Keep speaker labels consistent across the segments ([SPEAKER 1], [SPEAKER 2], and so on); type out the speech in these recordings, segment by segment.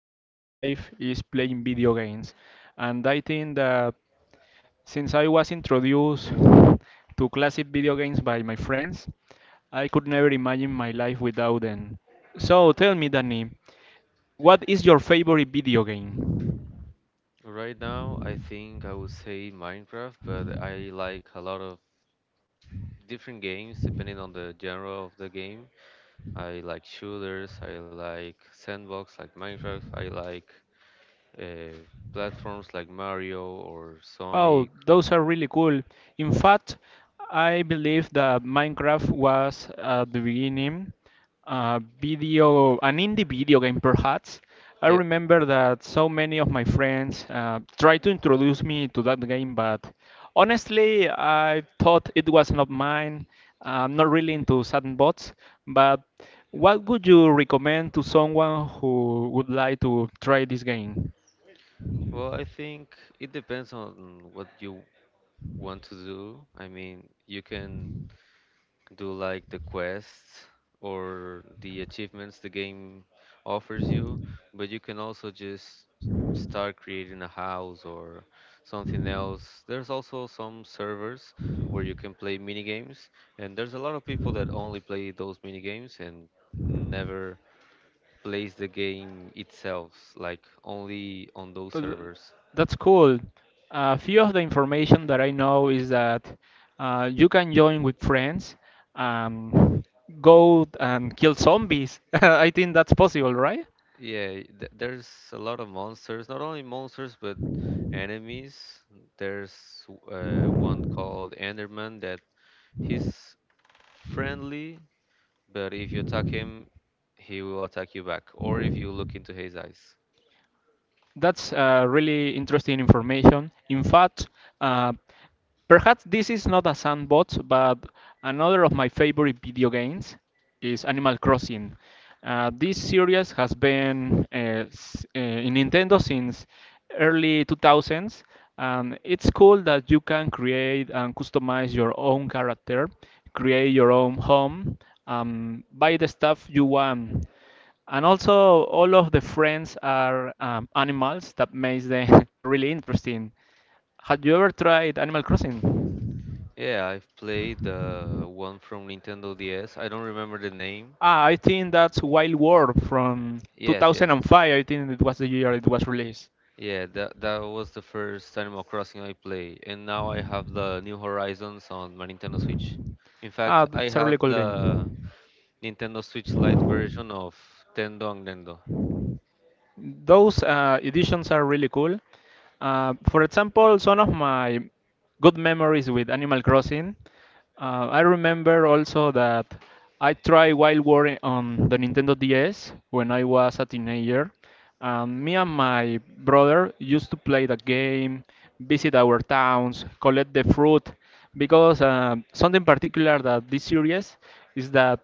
[SPEAKER 1] hobbies in life is playing video games, and I think that since I was introduced to classic video games by my friends, I could never imagine my life without them. So tell me, Danny, what is your favorite video game?
[SPEAKER 2] Right now, I think I would say Minecraft, but I like a lot of different games depending on the genre of the game. I like shooters, I like sandbox like Minecraft, I like uh, platforms like Mario or
[SPEAKER 1] Oh,
[SPEAKER 2] Sonic.
[SPEAKER 1] those are really cool. In fact, I believe that Minecraft was at the beginning a video, an indie video game perhaps. I
[SPEAKER 2] Yep.
[SPEAKER 1] remember that so many of my friends tried to introduce me to that game, but honestly, I thought it was not mine. I'm not really into sandbots, but what would you recommend to someone who would like to try this game?
[SPEAKER 2] Well, I think it depends on what you want to do. I mean, you can do like the quests or the achievements the game offers you, but you can also just start creating a house or something else. There's also some servers where you can play mini games, and there's a lot of people that only play those mini games and never plays the game itself, like only on those
[SPEAKER 1] Uh, th-
[SPEAKER 2] servers.
[SPEAKER 1] That's cool. A few of the information that I know is that you can join with friends, um, go and kill zombies. I think that's possible, right?
[SPEAKER 2] Yeah, th there's a lot of monsters. Not only monsters, but enemies. There's one called Enderman that he's friendly, but if you attack him, he will attack you back, or if you look into his eyes.
[SPEAKER 1] That's really interesting information. In fact, uh, perhaps this is not a sandbox, but another of my favorite video games is Animal Crossing. This series has been in Nintendo since early 2000s, and it's cool that you can create and customize your own character, create your own home, buy the stuff you want. And also, all of the friends are animals that makes them really interesting. Have you ever tried Animal Crossing?
[SPEAKER 2] Yeah, I've played the one from Nintendo DS. I don't remember the name.
[SPEAKER 1] Ah, I think that's Wild World from
[SPEAKER 2] Yes, yes.
[SPEAKER 1] 2005. I think it was the year it was released.
[SPEAKER 2] Yeah, that was the first Animal Crossing I played, and now I have the New Horizons on my Nintendo Switch. In fact,
[SPEAKER 1] Ah,
[SPEAKER 2] I
[SPEAKER 1] that's a
[SPEAKER 2] have
[SPEAKER 1] really cool
[SPEAKER 2] the
[SPEAKER 1] game.
[SPEAKER 2] Nintendo Switch Lite version of Tendong Nendo.
[SPEAKER 1] Those editions are really cool. For example, some of my good memories with Animal Crossing. I remember also that I tried Wild War on the Nintendo DS when I was a teenager. Me and my brother used to play the game, visit our towns, collect the fruit, because something particular that this series is that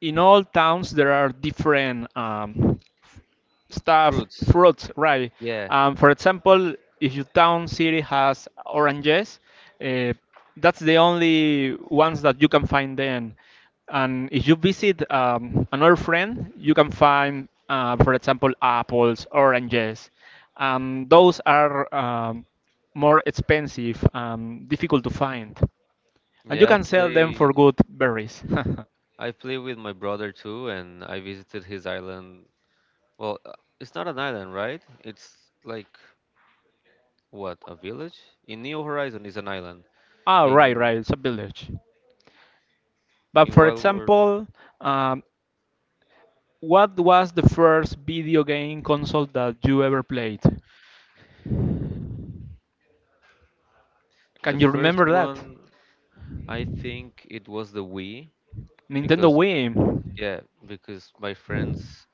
[SPEAKER 1] in all towns there are different stuff
[SPEAKER 2] Fruits.
[SPEAKER 1] fruits, right?
[SPEAKER 2] Yeah.
[SPEAKER 1] For example, if your town city has oranges, uh, that's the only ones that you can find then. And if you visit, another friend, you can find, for example, apples, oranges. Those are, more expensive, difficult to find, and you
[SPEAKER 2] Yeah,
[SPEAKER 1] can
[SPEAKER 2] I've
[SPEAKER 1] sell them for
[SPEAKER 2] played
[SPEAKER 1] good berries.
[SPEAKER 2] I played with my brother too and I visited his island. Well, it's not an island, right? It's like what, a village? In Neo Horizon is an island.
[SPEAKER 1] Ah, right,
[SPEAKER 2] In
[SPEAKER 1] right. It's a village. But
[SPEAKER 2] in
[SPEAKER 1] for
[SPEAKER 2] Wild World,
[SPEAKER 1] example, um, what was the first video game console that you ever played?
[SPEAKER 2] the
[SPEAKER 1] Can you
[SPEAKER 2] first
[SPEAKER 1] remember that?
[SPEAKER 2] one I think it was the Wii
[SPEAKER 1] Nintendo
[SPEAKER 2] because
[SPEAKER 1] Wii,
[SPEAKER 2] yeah, because my friends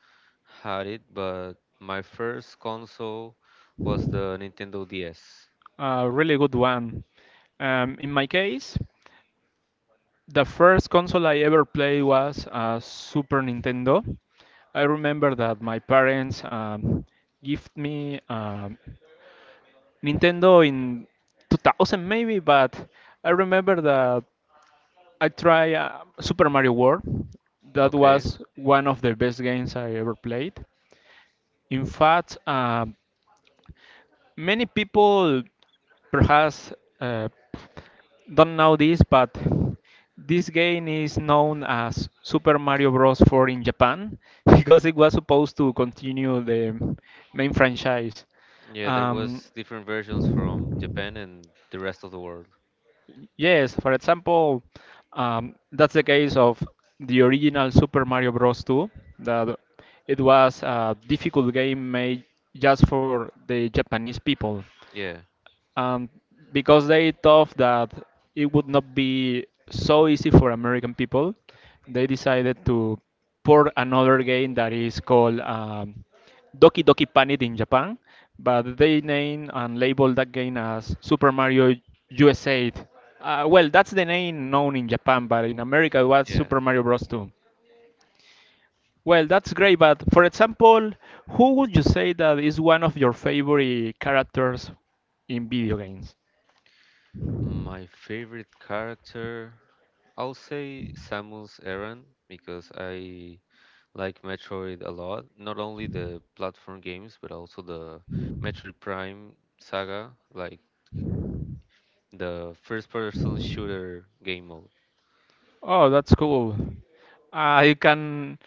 [SPEAKER 2] had it, but my first console was the Nintendo DS.
[SPEAKER 1] a really good one. In my case, the first console I ever played was a Super Nintendo. I remember that my parents gift me Nintendo in 2000 maybe, but I remember that I try Super Mario World. That
[SPEAKER 2] Okay.
[SPEAKER 1] was one of the best games I ever played. In fact, many people perhaps uh, don't know this, but this game is known as Super Mario Bros. 4 in Japan because it was supposed to continue the main franchise.
[SPEAKER 2] Yeah, there
[SPEAKER 1] Um,
[SPEAKER 2] was different versions from Japan and the rest of the world.
[SPEAKER 1] Yes, for example, that's the case of the original Super Mario Bros. 2, that it was a difficult game made just for the Japanese people.
[SPEAKER 2] Yeah,
[SPEAKER 1] Um, because they thought that it would not be so easy for American people, they decided to port another game that is called Doki Doki Panic in Japan, but they named and labeled that game as Super Mario USA. Well, that's the name known in Japan, but in America it was
[SPEAKER 2] yeah.
[SPEAKER 1] Super Mario Bros. 2. Well, that's great, but for example, who would you say that is one of your favorite characters in video games?
[SPEAKER 2] My favorite character, I'll say Samus Aran because I like Metroid a lot. Not only the platform games, but also the Metroid Prime saga, like the first person shooter game mode.
[SPEAKER 1] Oh, that's cool. You can.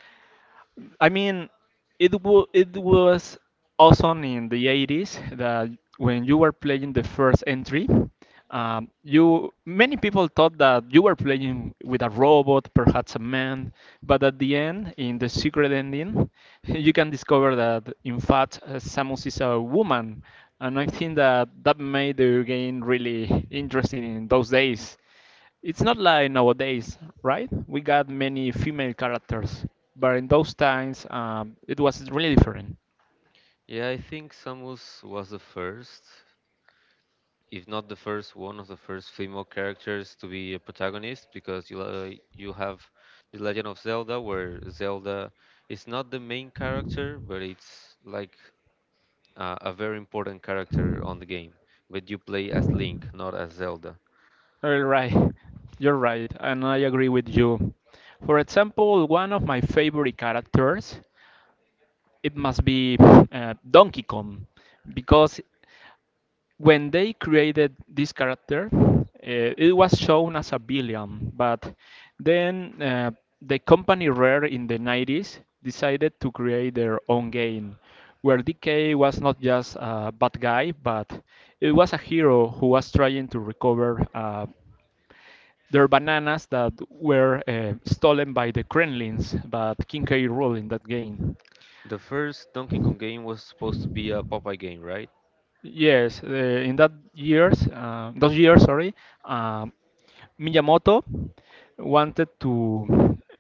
[SPEAKER 1] I mean, it was awesome in the 80s that when you were playing the first entry, you many people thought that you were playing with a robot, perhaps a man, but at the end, in the secret ending, you can discover that in fact Samus is a woman, and I think that made the game really interesting in those days. It's not like nowadays, right? We got many female characters, but in those times, it was really different.
[SPEAKER 2] Yeah, I think Samus was the first. If not the first, one of the first female characters to be a protagonist because you have the Legend of Zelda where Zelda is not the main character but it's like a very important character on the game but you play as Link not as Zelda.
[SPEAKER 1] All right, you're right, and I agree with you. For example, one of my favorite characters, it must be Donkey Kong, because when they created this character, it was shown as a villain, but then the company Rare in the 90s decided to create their own game, where DK was not just a bad guy, but it was a hero who was trying to recover their bananas that were stolen by the Kremlins, but King K. ruled in that game.
[SPEAKER 2] The first Donkey Kong game was supposed to be a Popeye game, right?
[SPEAKER 1] Yes, in those years, sorry, um, Miyamoto wanted to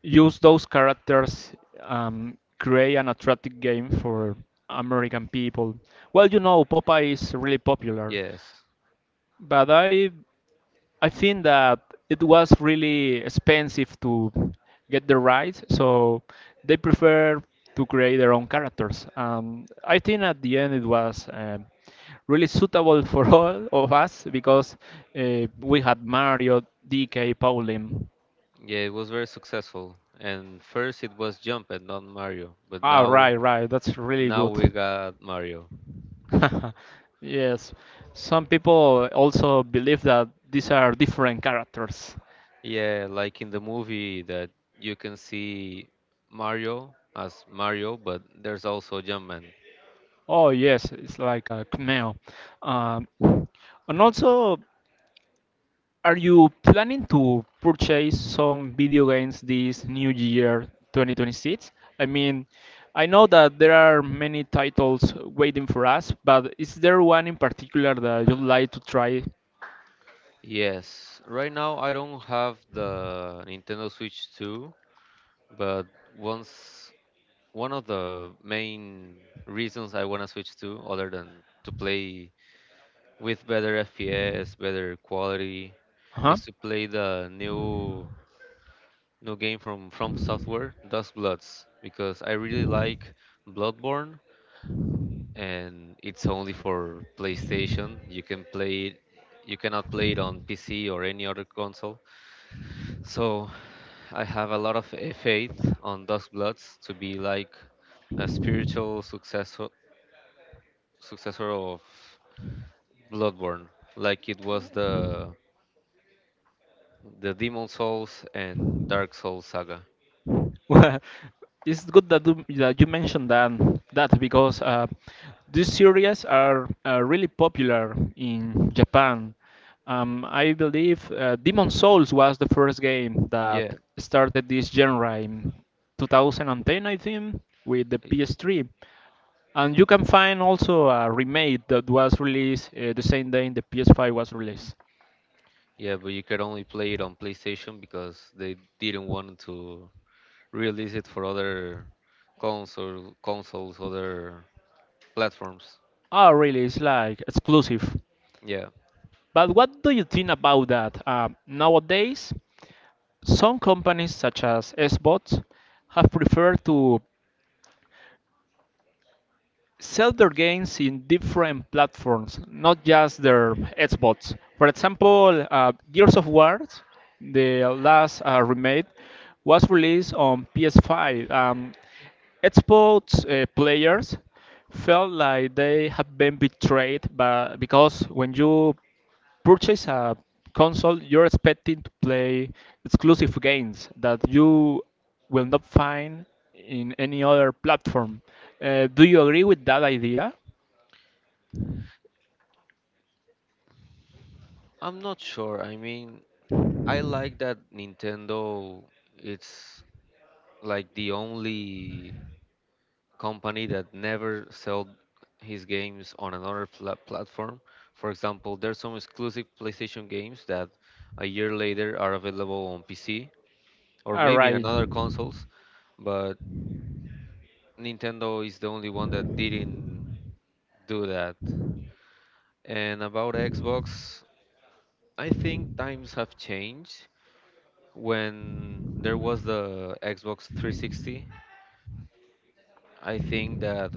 [SPEAKER 1] use those characters, create an attractive game for American people. Well, you know, Popeye is really popular,
[SPEAKER 2] Yes.
[SPEAKER 1] but I think that it was really expensive to get the rights, so they prefer to create their own characters. I think at the end it was really suitable for all of us because we had Mario, DK, Pauline.
[SPEAKER 2] Yeah, it was very successful. And first it was Jump and not Mario, but
[SPEAKER 1] Ah,
[SPEAKER 2] now
[SPEAKER 1] right, right. That's really
[SPEAKER 2] now
[SPEAKER 1] good.
[SPEAKER 2] we got Mario.
[SPEAKER 1] Yes. Some people also believe that these are different characters.
[SPEAKER 2] Yeah, like in the movie that you can see Mario as Mario, but there's also Jumpman.
[SPEAKER 1] Oh yes, it's like a Kmell. Um, and also, are you planning to purchase some video games this new year, 2026? I mean, I know that there are many titles waiting for us, but is there one in particular that you'd like to try?
[SPEAKER 2] Yes, right now I don't have the Nintendo Switch 2, but once one of the main reasons I want to switch to, other than to play with better FPS, better quality,
[SPEAKER 1] Huh?
[SPEAKER 2] is to play the new game from Software, Dust Bloods, because I really like Bloodborne and it's only for PlayStation. You can play it, you cannot play it on PC or any other console. So I have a lot of faith on Dusk Bloods to be like a spiritual successor of Bloodborne, like it was the Demon Souls and Dark Souls saga.
[SPEAKER 1] Well, it's good that you mentioned that because these series are really popular in Japan. I believe Demon Souls was the first game that
[SPEAKER 2] Yeah,
[SPEAKER 1] started this genre in 2010, I think, with the
[SPEAKER 2] i-
[SPEAKER 1] PS3. And you can find also a remake that was released the same day the PS5 was released.
[SPEAKER 2] yeah, but you could only play it on PlayStation because they didn't want to release it for other consoles, other platforms.
[SPEAKER 1] Oh, really? It's like exclusive.
[SPEAKER 2] Yeah,
[SPEAKER 1] But what do you think about that? Nowadays, some companies, such as Xbox, have preferred to sell their games in different platforms, not just their Xbox. For example, Gears of War, the last remake, was released on PS5. Xbox players felt like they have been betrayed, but because when you purchase a console, you're expecting to play exclusive games that you will not find in any other platform. Do you agree with that idea?
[SPEAKER 2] I'm not sure. I mean, I like that Nintendo it's like the only company that never sold his games on another platform. For example, there's some exclusive PlayStation games that a year later are available on PC or
[SPEAKER 1] All
[SPEAKER 2] maybe in
[SPEAKER 1] right,
[SPEAKER 2] another consoles, but Nintendo is the only one that didn't do that. And about Xbox, I think times have changed. When there was the Xbox 360, I think that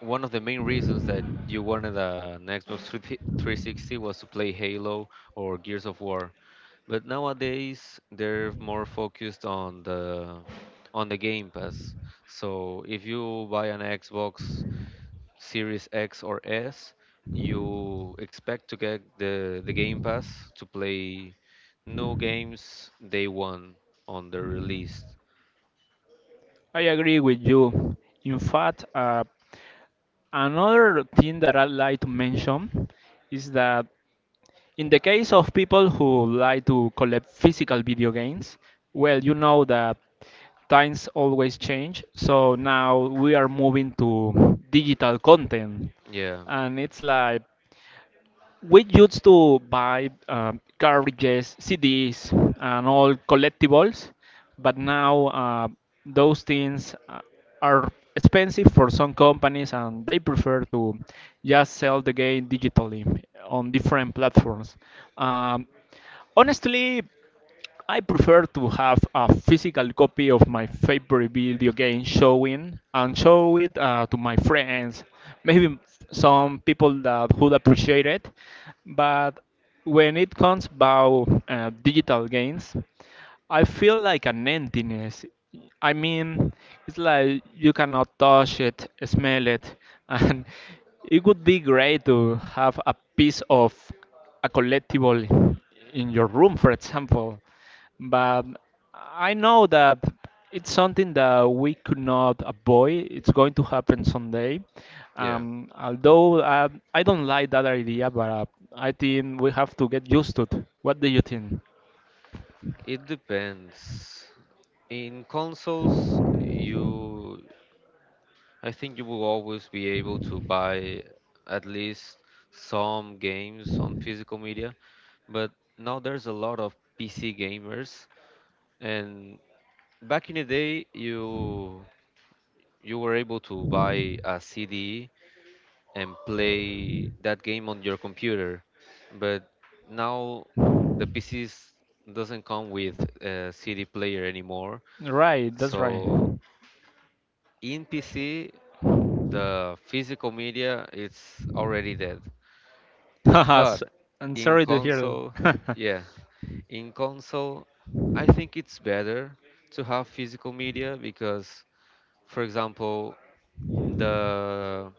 [SPEAKER 2] one of the main reasons that you wanted an Xbox 3 360 was to play Halo or Gears of War. But nowadays, they're more focused on the Game Pass. So if you buy an Xbox Series X or S, you expect to get the Game Pass to play new games day one on the release.
[SPEAKER 1] I agree with you. In fact, another thing that I'd like to mention is that in the case of people who like to collect physical video games, well, you know that times always change. So now we are moving to digital content,
[SPEAKER 2] Yeah,
[SPEAKER 1] and it's like we used to buy cartridges, CDs, and all collectibles, but now those things are expensive for some companies, and they prefer to just sell the game digitally on different platforms. Um, Honestly, I prefer to have a physical copy of my favorite video game showing and show it to my friends, maybe some people that would appreciate it. But when it comes about digital games, I feel like an emptiness. I mean, it's like you cannot touch it, smell it, and it would be great to have a piece of a collectible in your room, for example. But I know that it's something that we could not avoid. It's going to happen someday.
[SPEAKER 2] yeah.
[SPEAKER 1] Although I don't like that idea, but I think we have to get used to it. What do you think?
[SPEAKER 2] It depends. In consoles, you I think you will always be able to buy at least some games on physical media, but now there's a lot of PC gamers and back in the day you were able to buy a CD and play that game on your computer. But now the PCs doesn't come with a CD player anymore.
[SPEAKER 1] Right, that's right.
[SPEAKER 2] So in PC, the physical media it's already dead.
[SPEAKER 1] Haha, s-
[SPEAKER 2] But
[SPEAKER 1] I'm
[SPEAKER 2] in
[SPEAKER 1] sorry to hear
[SPEAKER 2] console,
[SPEAKER 1] that.
[SPEAKER 2] yeah, in console, I think it's better to have physical media because, for example, the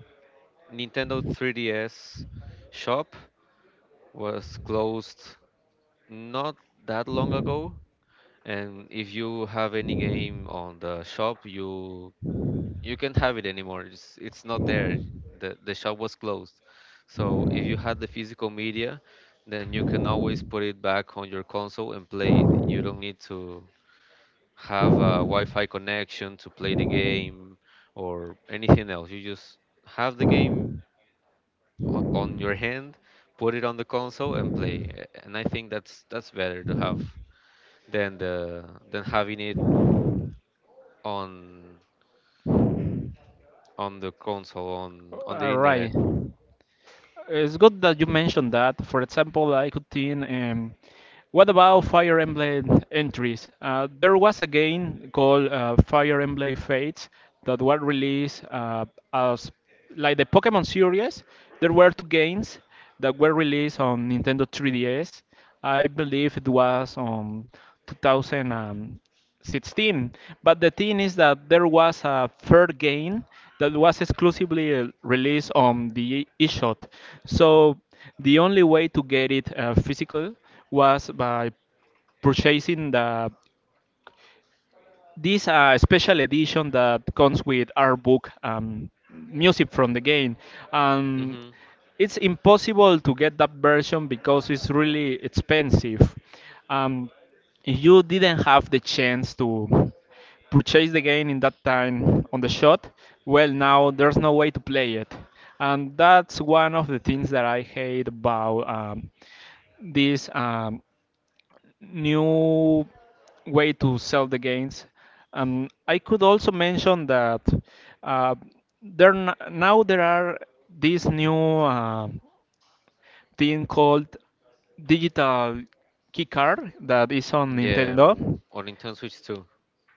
[SPEAKER 2] Nintendo 3DS shop was closed not that long ago, and if you have any game on the shop, you can't have it anymore. It's not there. The shop was closed. So if you had the physical media, then you can always put it back on your console and play it. You don't need to have a Wi-Fi connection to play the game or anything else. You just have the game on your hand, put it on the console and play. And I think that's better to have than the than having it on on the console on the
[SPEAKER 1] All
[SPEAKER 2] internet.
[SPEAKER 1] right. It's good that you mentioned that. For example, I could think, what about Fire Emblem entries? There was a game called Fire Emblem Fates that were released as like the Pokemon series. There were two games that were released on Nintendo 3DS. I believe it was on 2010. 16. But the thing is that there was a third game that was exclusively released on the eShop. So the only way to get it physical was by purchasing the this special edition that comes with art book, music from the game. Um,
[SPEAKER 2] Mm-hmm.
[SPEAKER 1] it's impossible to get that version because it's really expensive. Um, if you didn't have the chance to purchase the game in that time on the shot, well, now there's no way to play it. And that's one of the things that I hate about this. New way to sell the games. And I could also mention that uh, now there are this new thing called digital key card that is on
[SPEAKER 2] Yeah,
[SPEAKER 1] Nintendo.
[SPEAKER 2] on Nintendo Switch too.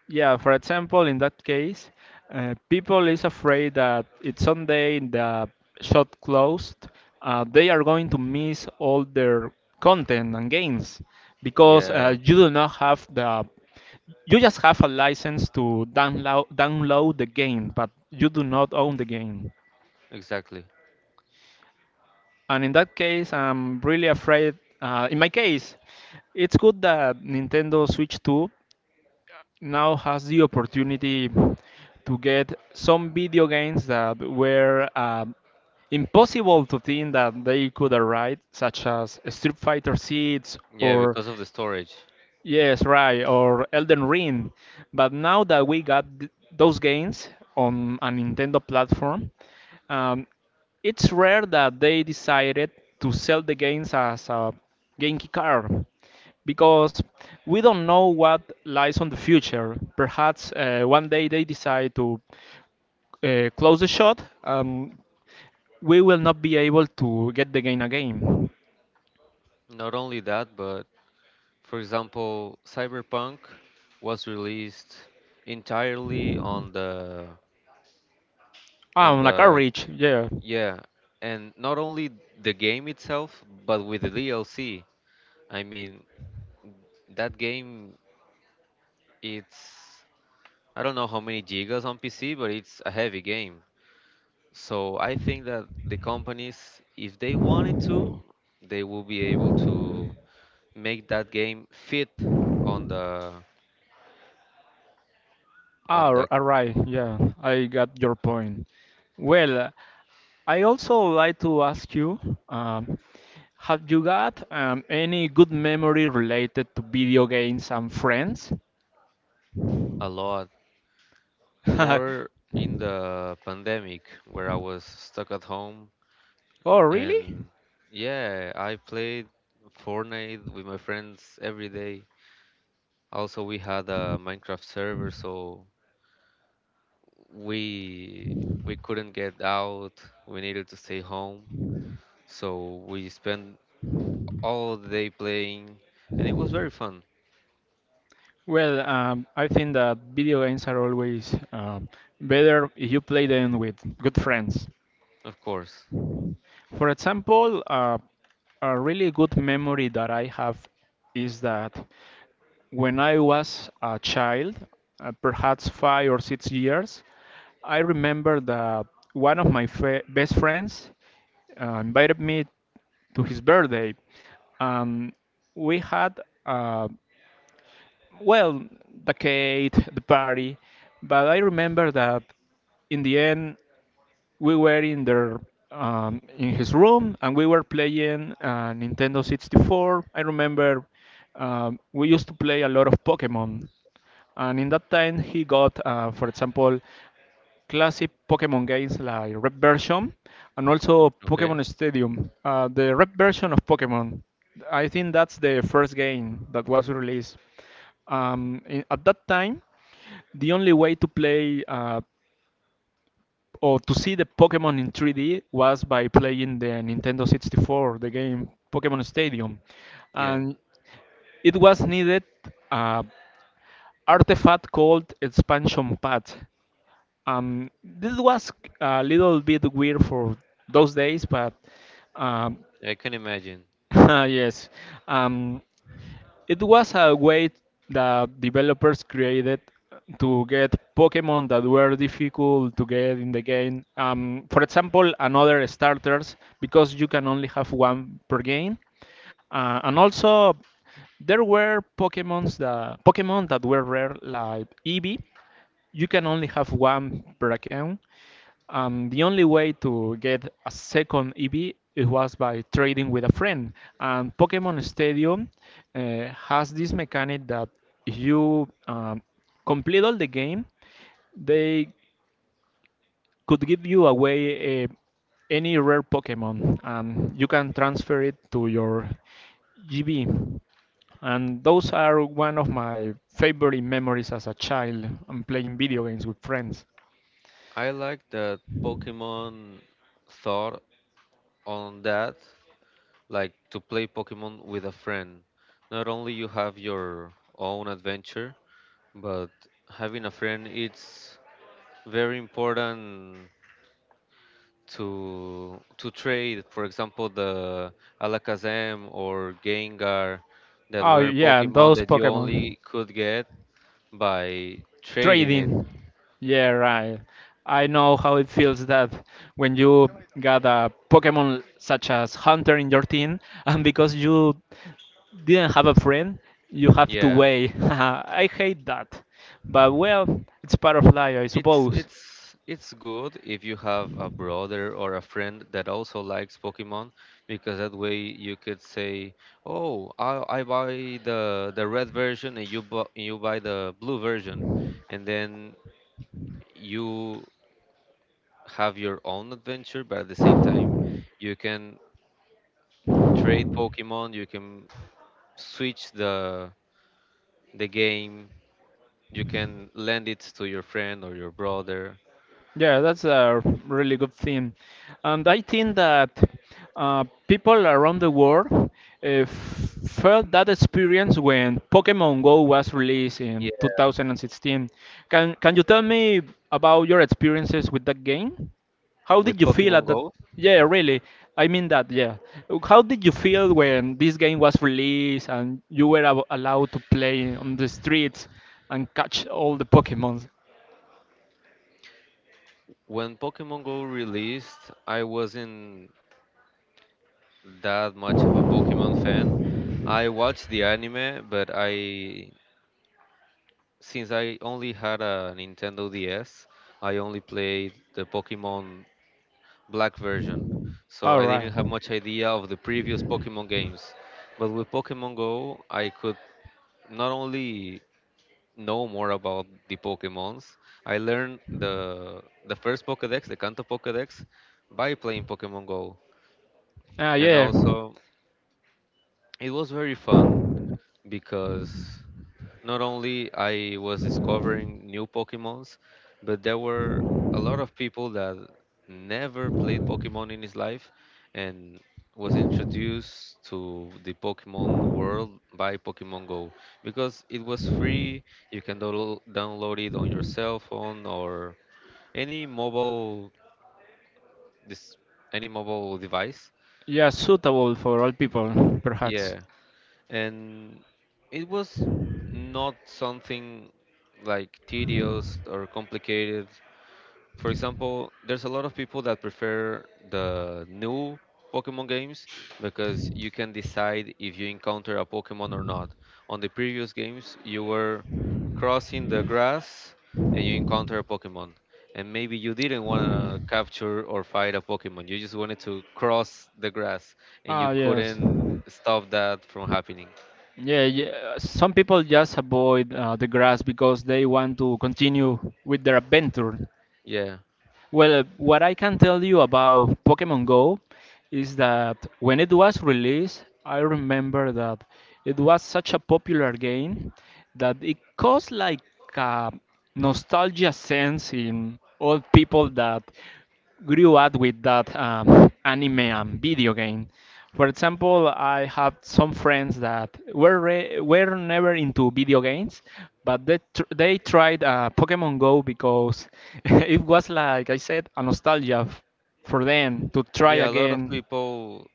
[SPEAKER 1] Yeah, for example, in that case, people is afraid that if someday the shop closed, they are going to miss all their content and games because
[SPEAKER 2] Yeah,
[SPEAKER 1] you do not have the you just have a license to download the game, but you do not own the game.
[SPEAKER 2] exactly.
[SPEAKER 1] And in that case, I'm really afraid. In my case, it's good that Nintendo Switch 2 now has the opportunity to get some video games that were impossible to think that they could arrive, such as Street Fighter 6
[SPEAKER 2] Yeah,
[SPEAKER 1] or
[SPEAKER 2] because of the storage.
[SPEAKER 1] yes, right, or Elden Ring. But now that we got those games on a Nintendo platform, um, it's rare that they decided to sell the games as a Genki card because we don't know what lies on the future. Perhaps one day they decide to close the shot, and we will not be able to get the game again.
[SPEAKER 2] Not only that, but for example, Cyberpunk was released entirely on
[SPEAKER 1] Ah, on a
[SPEAKER 2] the.
[SPEAKER 1] cartridge, yeah.
[SPEAKER 2] Yeah, and not only the game itself, but with the DLC. I mean, that game it's I don't know how many gigas on PC, but it's a heavy game. So I think that the companies, if they wanted to, they will be able to make that game fit on the
[SPEAKER 1] Ah,
[SPEAKER 2] on the.
[SPEAKER 1] alright, yeah, I got your point. Well, I also like to ask you, um, have you got any good memory related to video games and friends?
[SPEAKER 2] A lot, more in the pandemic where I was stuck at home.
[SPEAKER 1] Oh, really?
[SPEAKER 2] And yeah, I played Fortnite with my friends every day. Also, we had a Minecraft server, so we we couldn't get out. We needed to stay home, so we spent all the day playing, and it was very fun,
[SPEAKER 1] Well, I think that video games are always better if you play them with good friends.
[SPEAKER 2] of course.
[SPEAKER 1] For example, a really good memory that I have is that. When I was a child, perhaps 5 or 6 years, I remember that one of my best friends invited me to his birthday. Um, we had, uh, well, the cake, the party, but I remember that in the end, we were in their in his room and we were playing Nintendo 64. I remember we used to play a lot of Pokemon, and in that time he got, for example, classic Pokemon games like Red version and also
[SPEAKER 2] Okay,
[SPEAKER 1] Pokemon Stadium. The Red version of Pokemon, I think that's the first game that was released. In, at that time, the only way to play or to see the Pokemon in 3D was by playing the Nintendo 64, the game Pokemon Stadium.
[SPEAKER 2] yeah,
[SPEAKER 1] And it was needed a artifact called expansion pad. This was a little bit weird for those days, but um,
[SPEAKER 2] I can imagine.
[SPEAKER 1] yes. Um, it was a way that developers created to get Pokemon that were difficult to get in the game. For example, another starters because you can only have one per game, and also there were Pokemons that Pokemon that were rare like Eevee. You can only have one per account, the only way to get a second EV it was by trading with a friend. And Pokemon Stadium has this mechanic that if you complete all the game, they could give you away any rare Pokemon. And you can transfer it to your GB. And those are one of my favorite memories as a child. I'm playing video games with friends.
[SPEAKER 2] I like that Pokemon thought on that, like to play Pokemon with a friend. Not only you have your own adventure, but having a friend it's very important to trade, for example, the Alakazam or Gengar that
[SPEAKER 1] Oh
[SPEAKER 2] were
[SPEAKER 1] yeah,
[SPEAKER 2] Pokemon
[SPEAKER 1] those
[SPEAKER 2] that you
[SPEAKER 1] Pokemon.
[SPEAKER 2] only could get by trading it.
[SPEAKER 1] Trading. Yeah, right. I know how it feels that when you got a Pokemon such as Hunter in your team, and because you didn't have a friend, you have to
[SPEAKER 2] Yeah.
[SPEAKER 1] wait. I hate that. But well, it's part of life, I
[SPEAKER 2] It's
[SPEAKER 1] suppose.
[SPEAKER 2] it's it's good if you have a brother or a friend that also likes Pokemon because that way you could say, "Oh, I buy the red version and you buy the blue version," and then you have your own adventure, but at the same time you can trade Pokemon, you can switch the game, you can lend it to your friend or your brother.
[SPEAKER 1] Yeah, that's a really good thing. And I think that people around the world felt that experience when Pokemon Go was released in
[SPEAKER 2] Yeah,
[SPEAKER 1] 2016. Can you tell me about your experiences with that game? How did
[SPEAKER 2] with
[SPEAKER 1] you feel
[SPEAKER 2] Pokemon
[SPEAKER 1] at that?
[SPEAKER 2] Go,
[SPEAKER 1] Yeah, really. I mean that, yeah. How did you feel when this game was released and you were allowed to play on the streets and catch all the Pokemons?
[SPEAKER 2] when Pokemon Go released, I wasn't that much of a Pokemon fan. I watched the anime, but I since I only had a Nintendo DS, I only played the Pokemon Black version. So
[SPEAKER 1] All
[SPEAKER 2] I
[SPEAKER 1] right.
[SPEAKER 2] didn't have much idea of the previous Pokemon games. But with Pokemon Go, I could not only know more about the Pokemons, I learned the first Pokédex, the Kanto Pokédex, by playing Pokemon Go.
[SPEAKER 1] Ah,
[SPEAKER 2] And
[SPEAKER 1] yeah.
[SPEAKER 2] also it was very fun because not only I was discovering new Pokemons, but there were a lot of people that never played Pokemon in his life and was introduced to the Pokemon world by Pokemon Go because it was free. You can download it on your cell phone or any mobile this any mobile device.
[SPEAKER 1] Yeah, suitable for all people, perhaps.
[SPEAKER 2] Yeah, and it was not something like tedious or complicated. For example, there's a lot of people that prefer the new Pokemon games because you can decide if you encounter a Pokemon or not. On the previous games, you were crossing the grass and you encounter a Pokemon. And maybe you didn't want to capture or fight a Pokemon. You just wanted to cross the grass and you
[SPEAKER 1] Ah, yes.
[SPEAKER 2] couldn't stop that from happening.
[SPEAKER 1] Yeah, yeah. Some people just avoid the grass because they want to continue with their adventure.
[SPEAKER 2] Yeah.
[SPEAKER 1] Well, what I can tell you about Pokemon Go is that when it was released, I remember that it was such a popular game that it caused like a nostalgia sense in all people that grew up with that anime and video game. For example, I have some friends that were were never into video games, but they tried Pokemon Go because it was like I said, a nostalgia for them to try
[SPEAKER 2] Yeah, a lot of
[SPEAKER 1] again.
[SPEAKER 2] people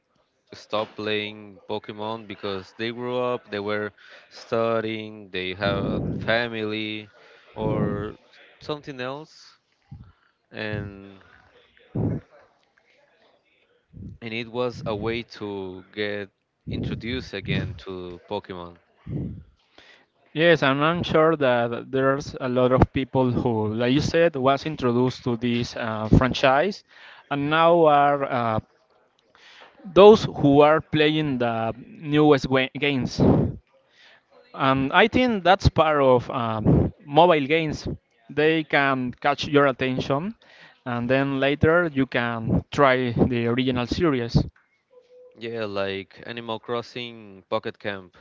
[SPEAKER 2] stop playing Pokemon because they grew up, they were studying, they have family or something else, and it was a way to get introduced again to Pokemon.
[SPEAKER 1] Yes, and I'm sure that there's a lot of people who, like you said, was introduced to this franchise and now are those who are playing the newest games. And I think that's part of mobile games. They can catch your attention, and then later you can try the original series.
[SPEAKER 2] Yeah, like Animal Crossing Pocket Camp.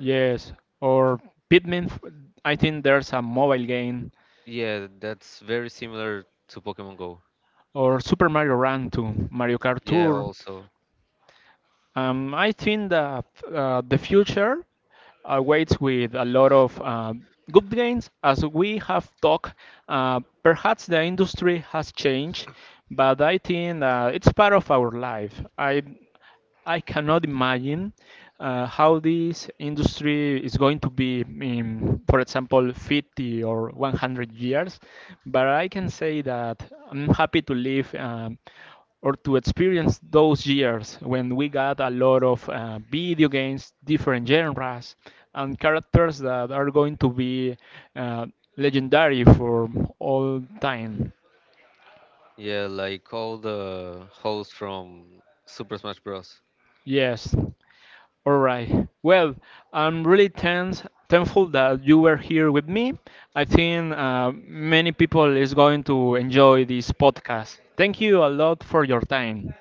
[SPEAKER 1] Yes, or Pitman. I think there's a mobile game,
[SPEAKER 2] Yeah, that's very similar to Pokemon Go.
[SPEAKER 1] or Super Mario Run to Mario Kart
[SPEAKER 2] Yeah,
[SPEAKER 1] Tour.
[SPEAKER 2] also.
[SPEAKER 1] I think that the future awaits with a lot of good gains. As we have talked, perhaps the industry has changed, but I think it's part of our life. I cannot imagine how this industry is going to be in, for example, 50 or 100 years, but I can say that I'm happy to live. Or to experience those years when we got a lot of video games, different genres, and characters that are going to be uh, legendary for all time.
[SPEAKER 2] Yeah, like all the hosts from Super Smash Bros.
[SPEAKER 1] Yes. All right. Well, I'm really tense, thankful that you were here with me. I think many people is going to enjoy this podcast. Thank you a lot for your time.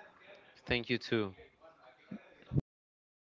[SPEAKER 2] Thank you too.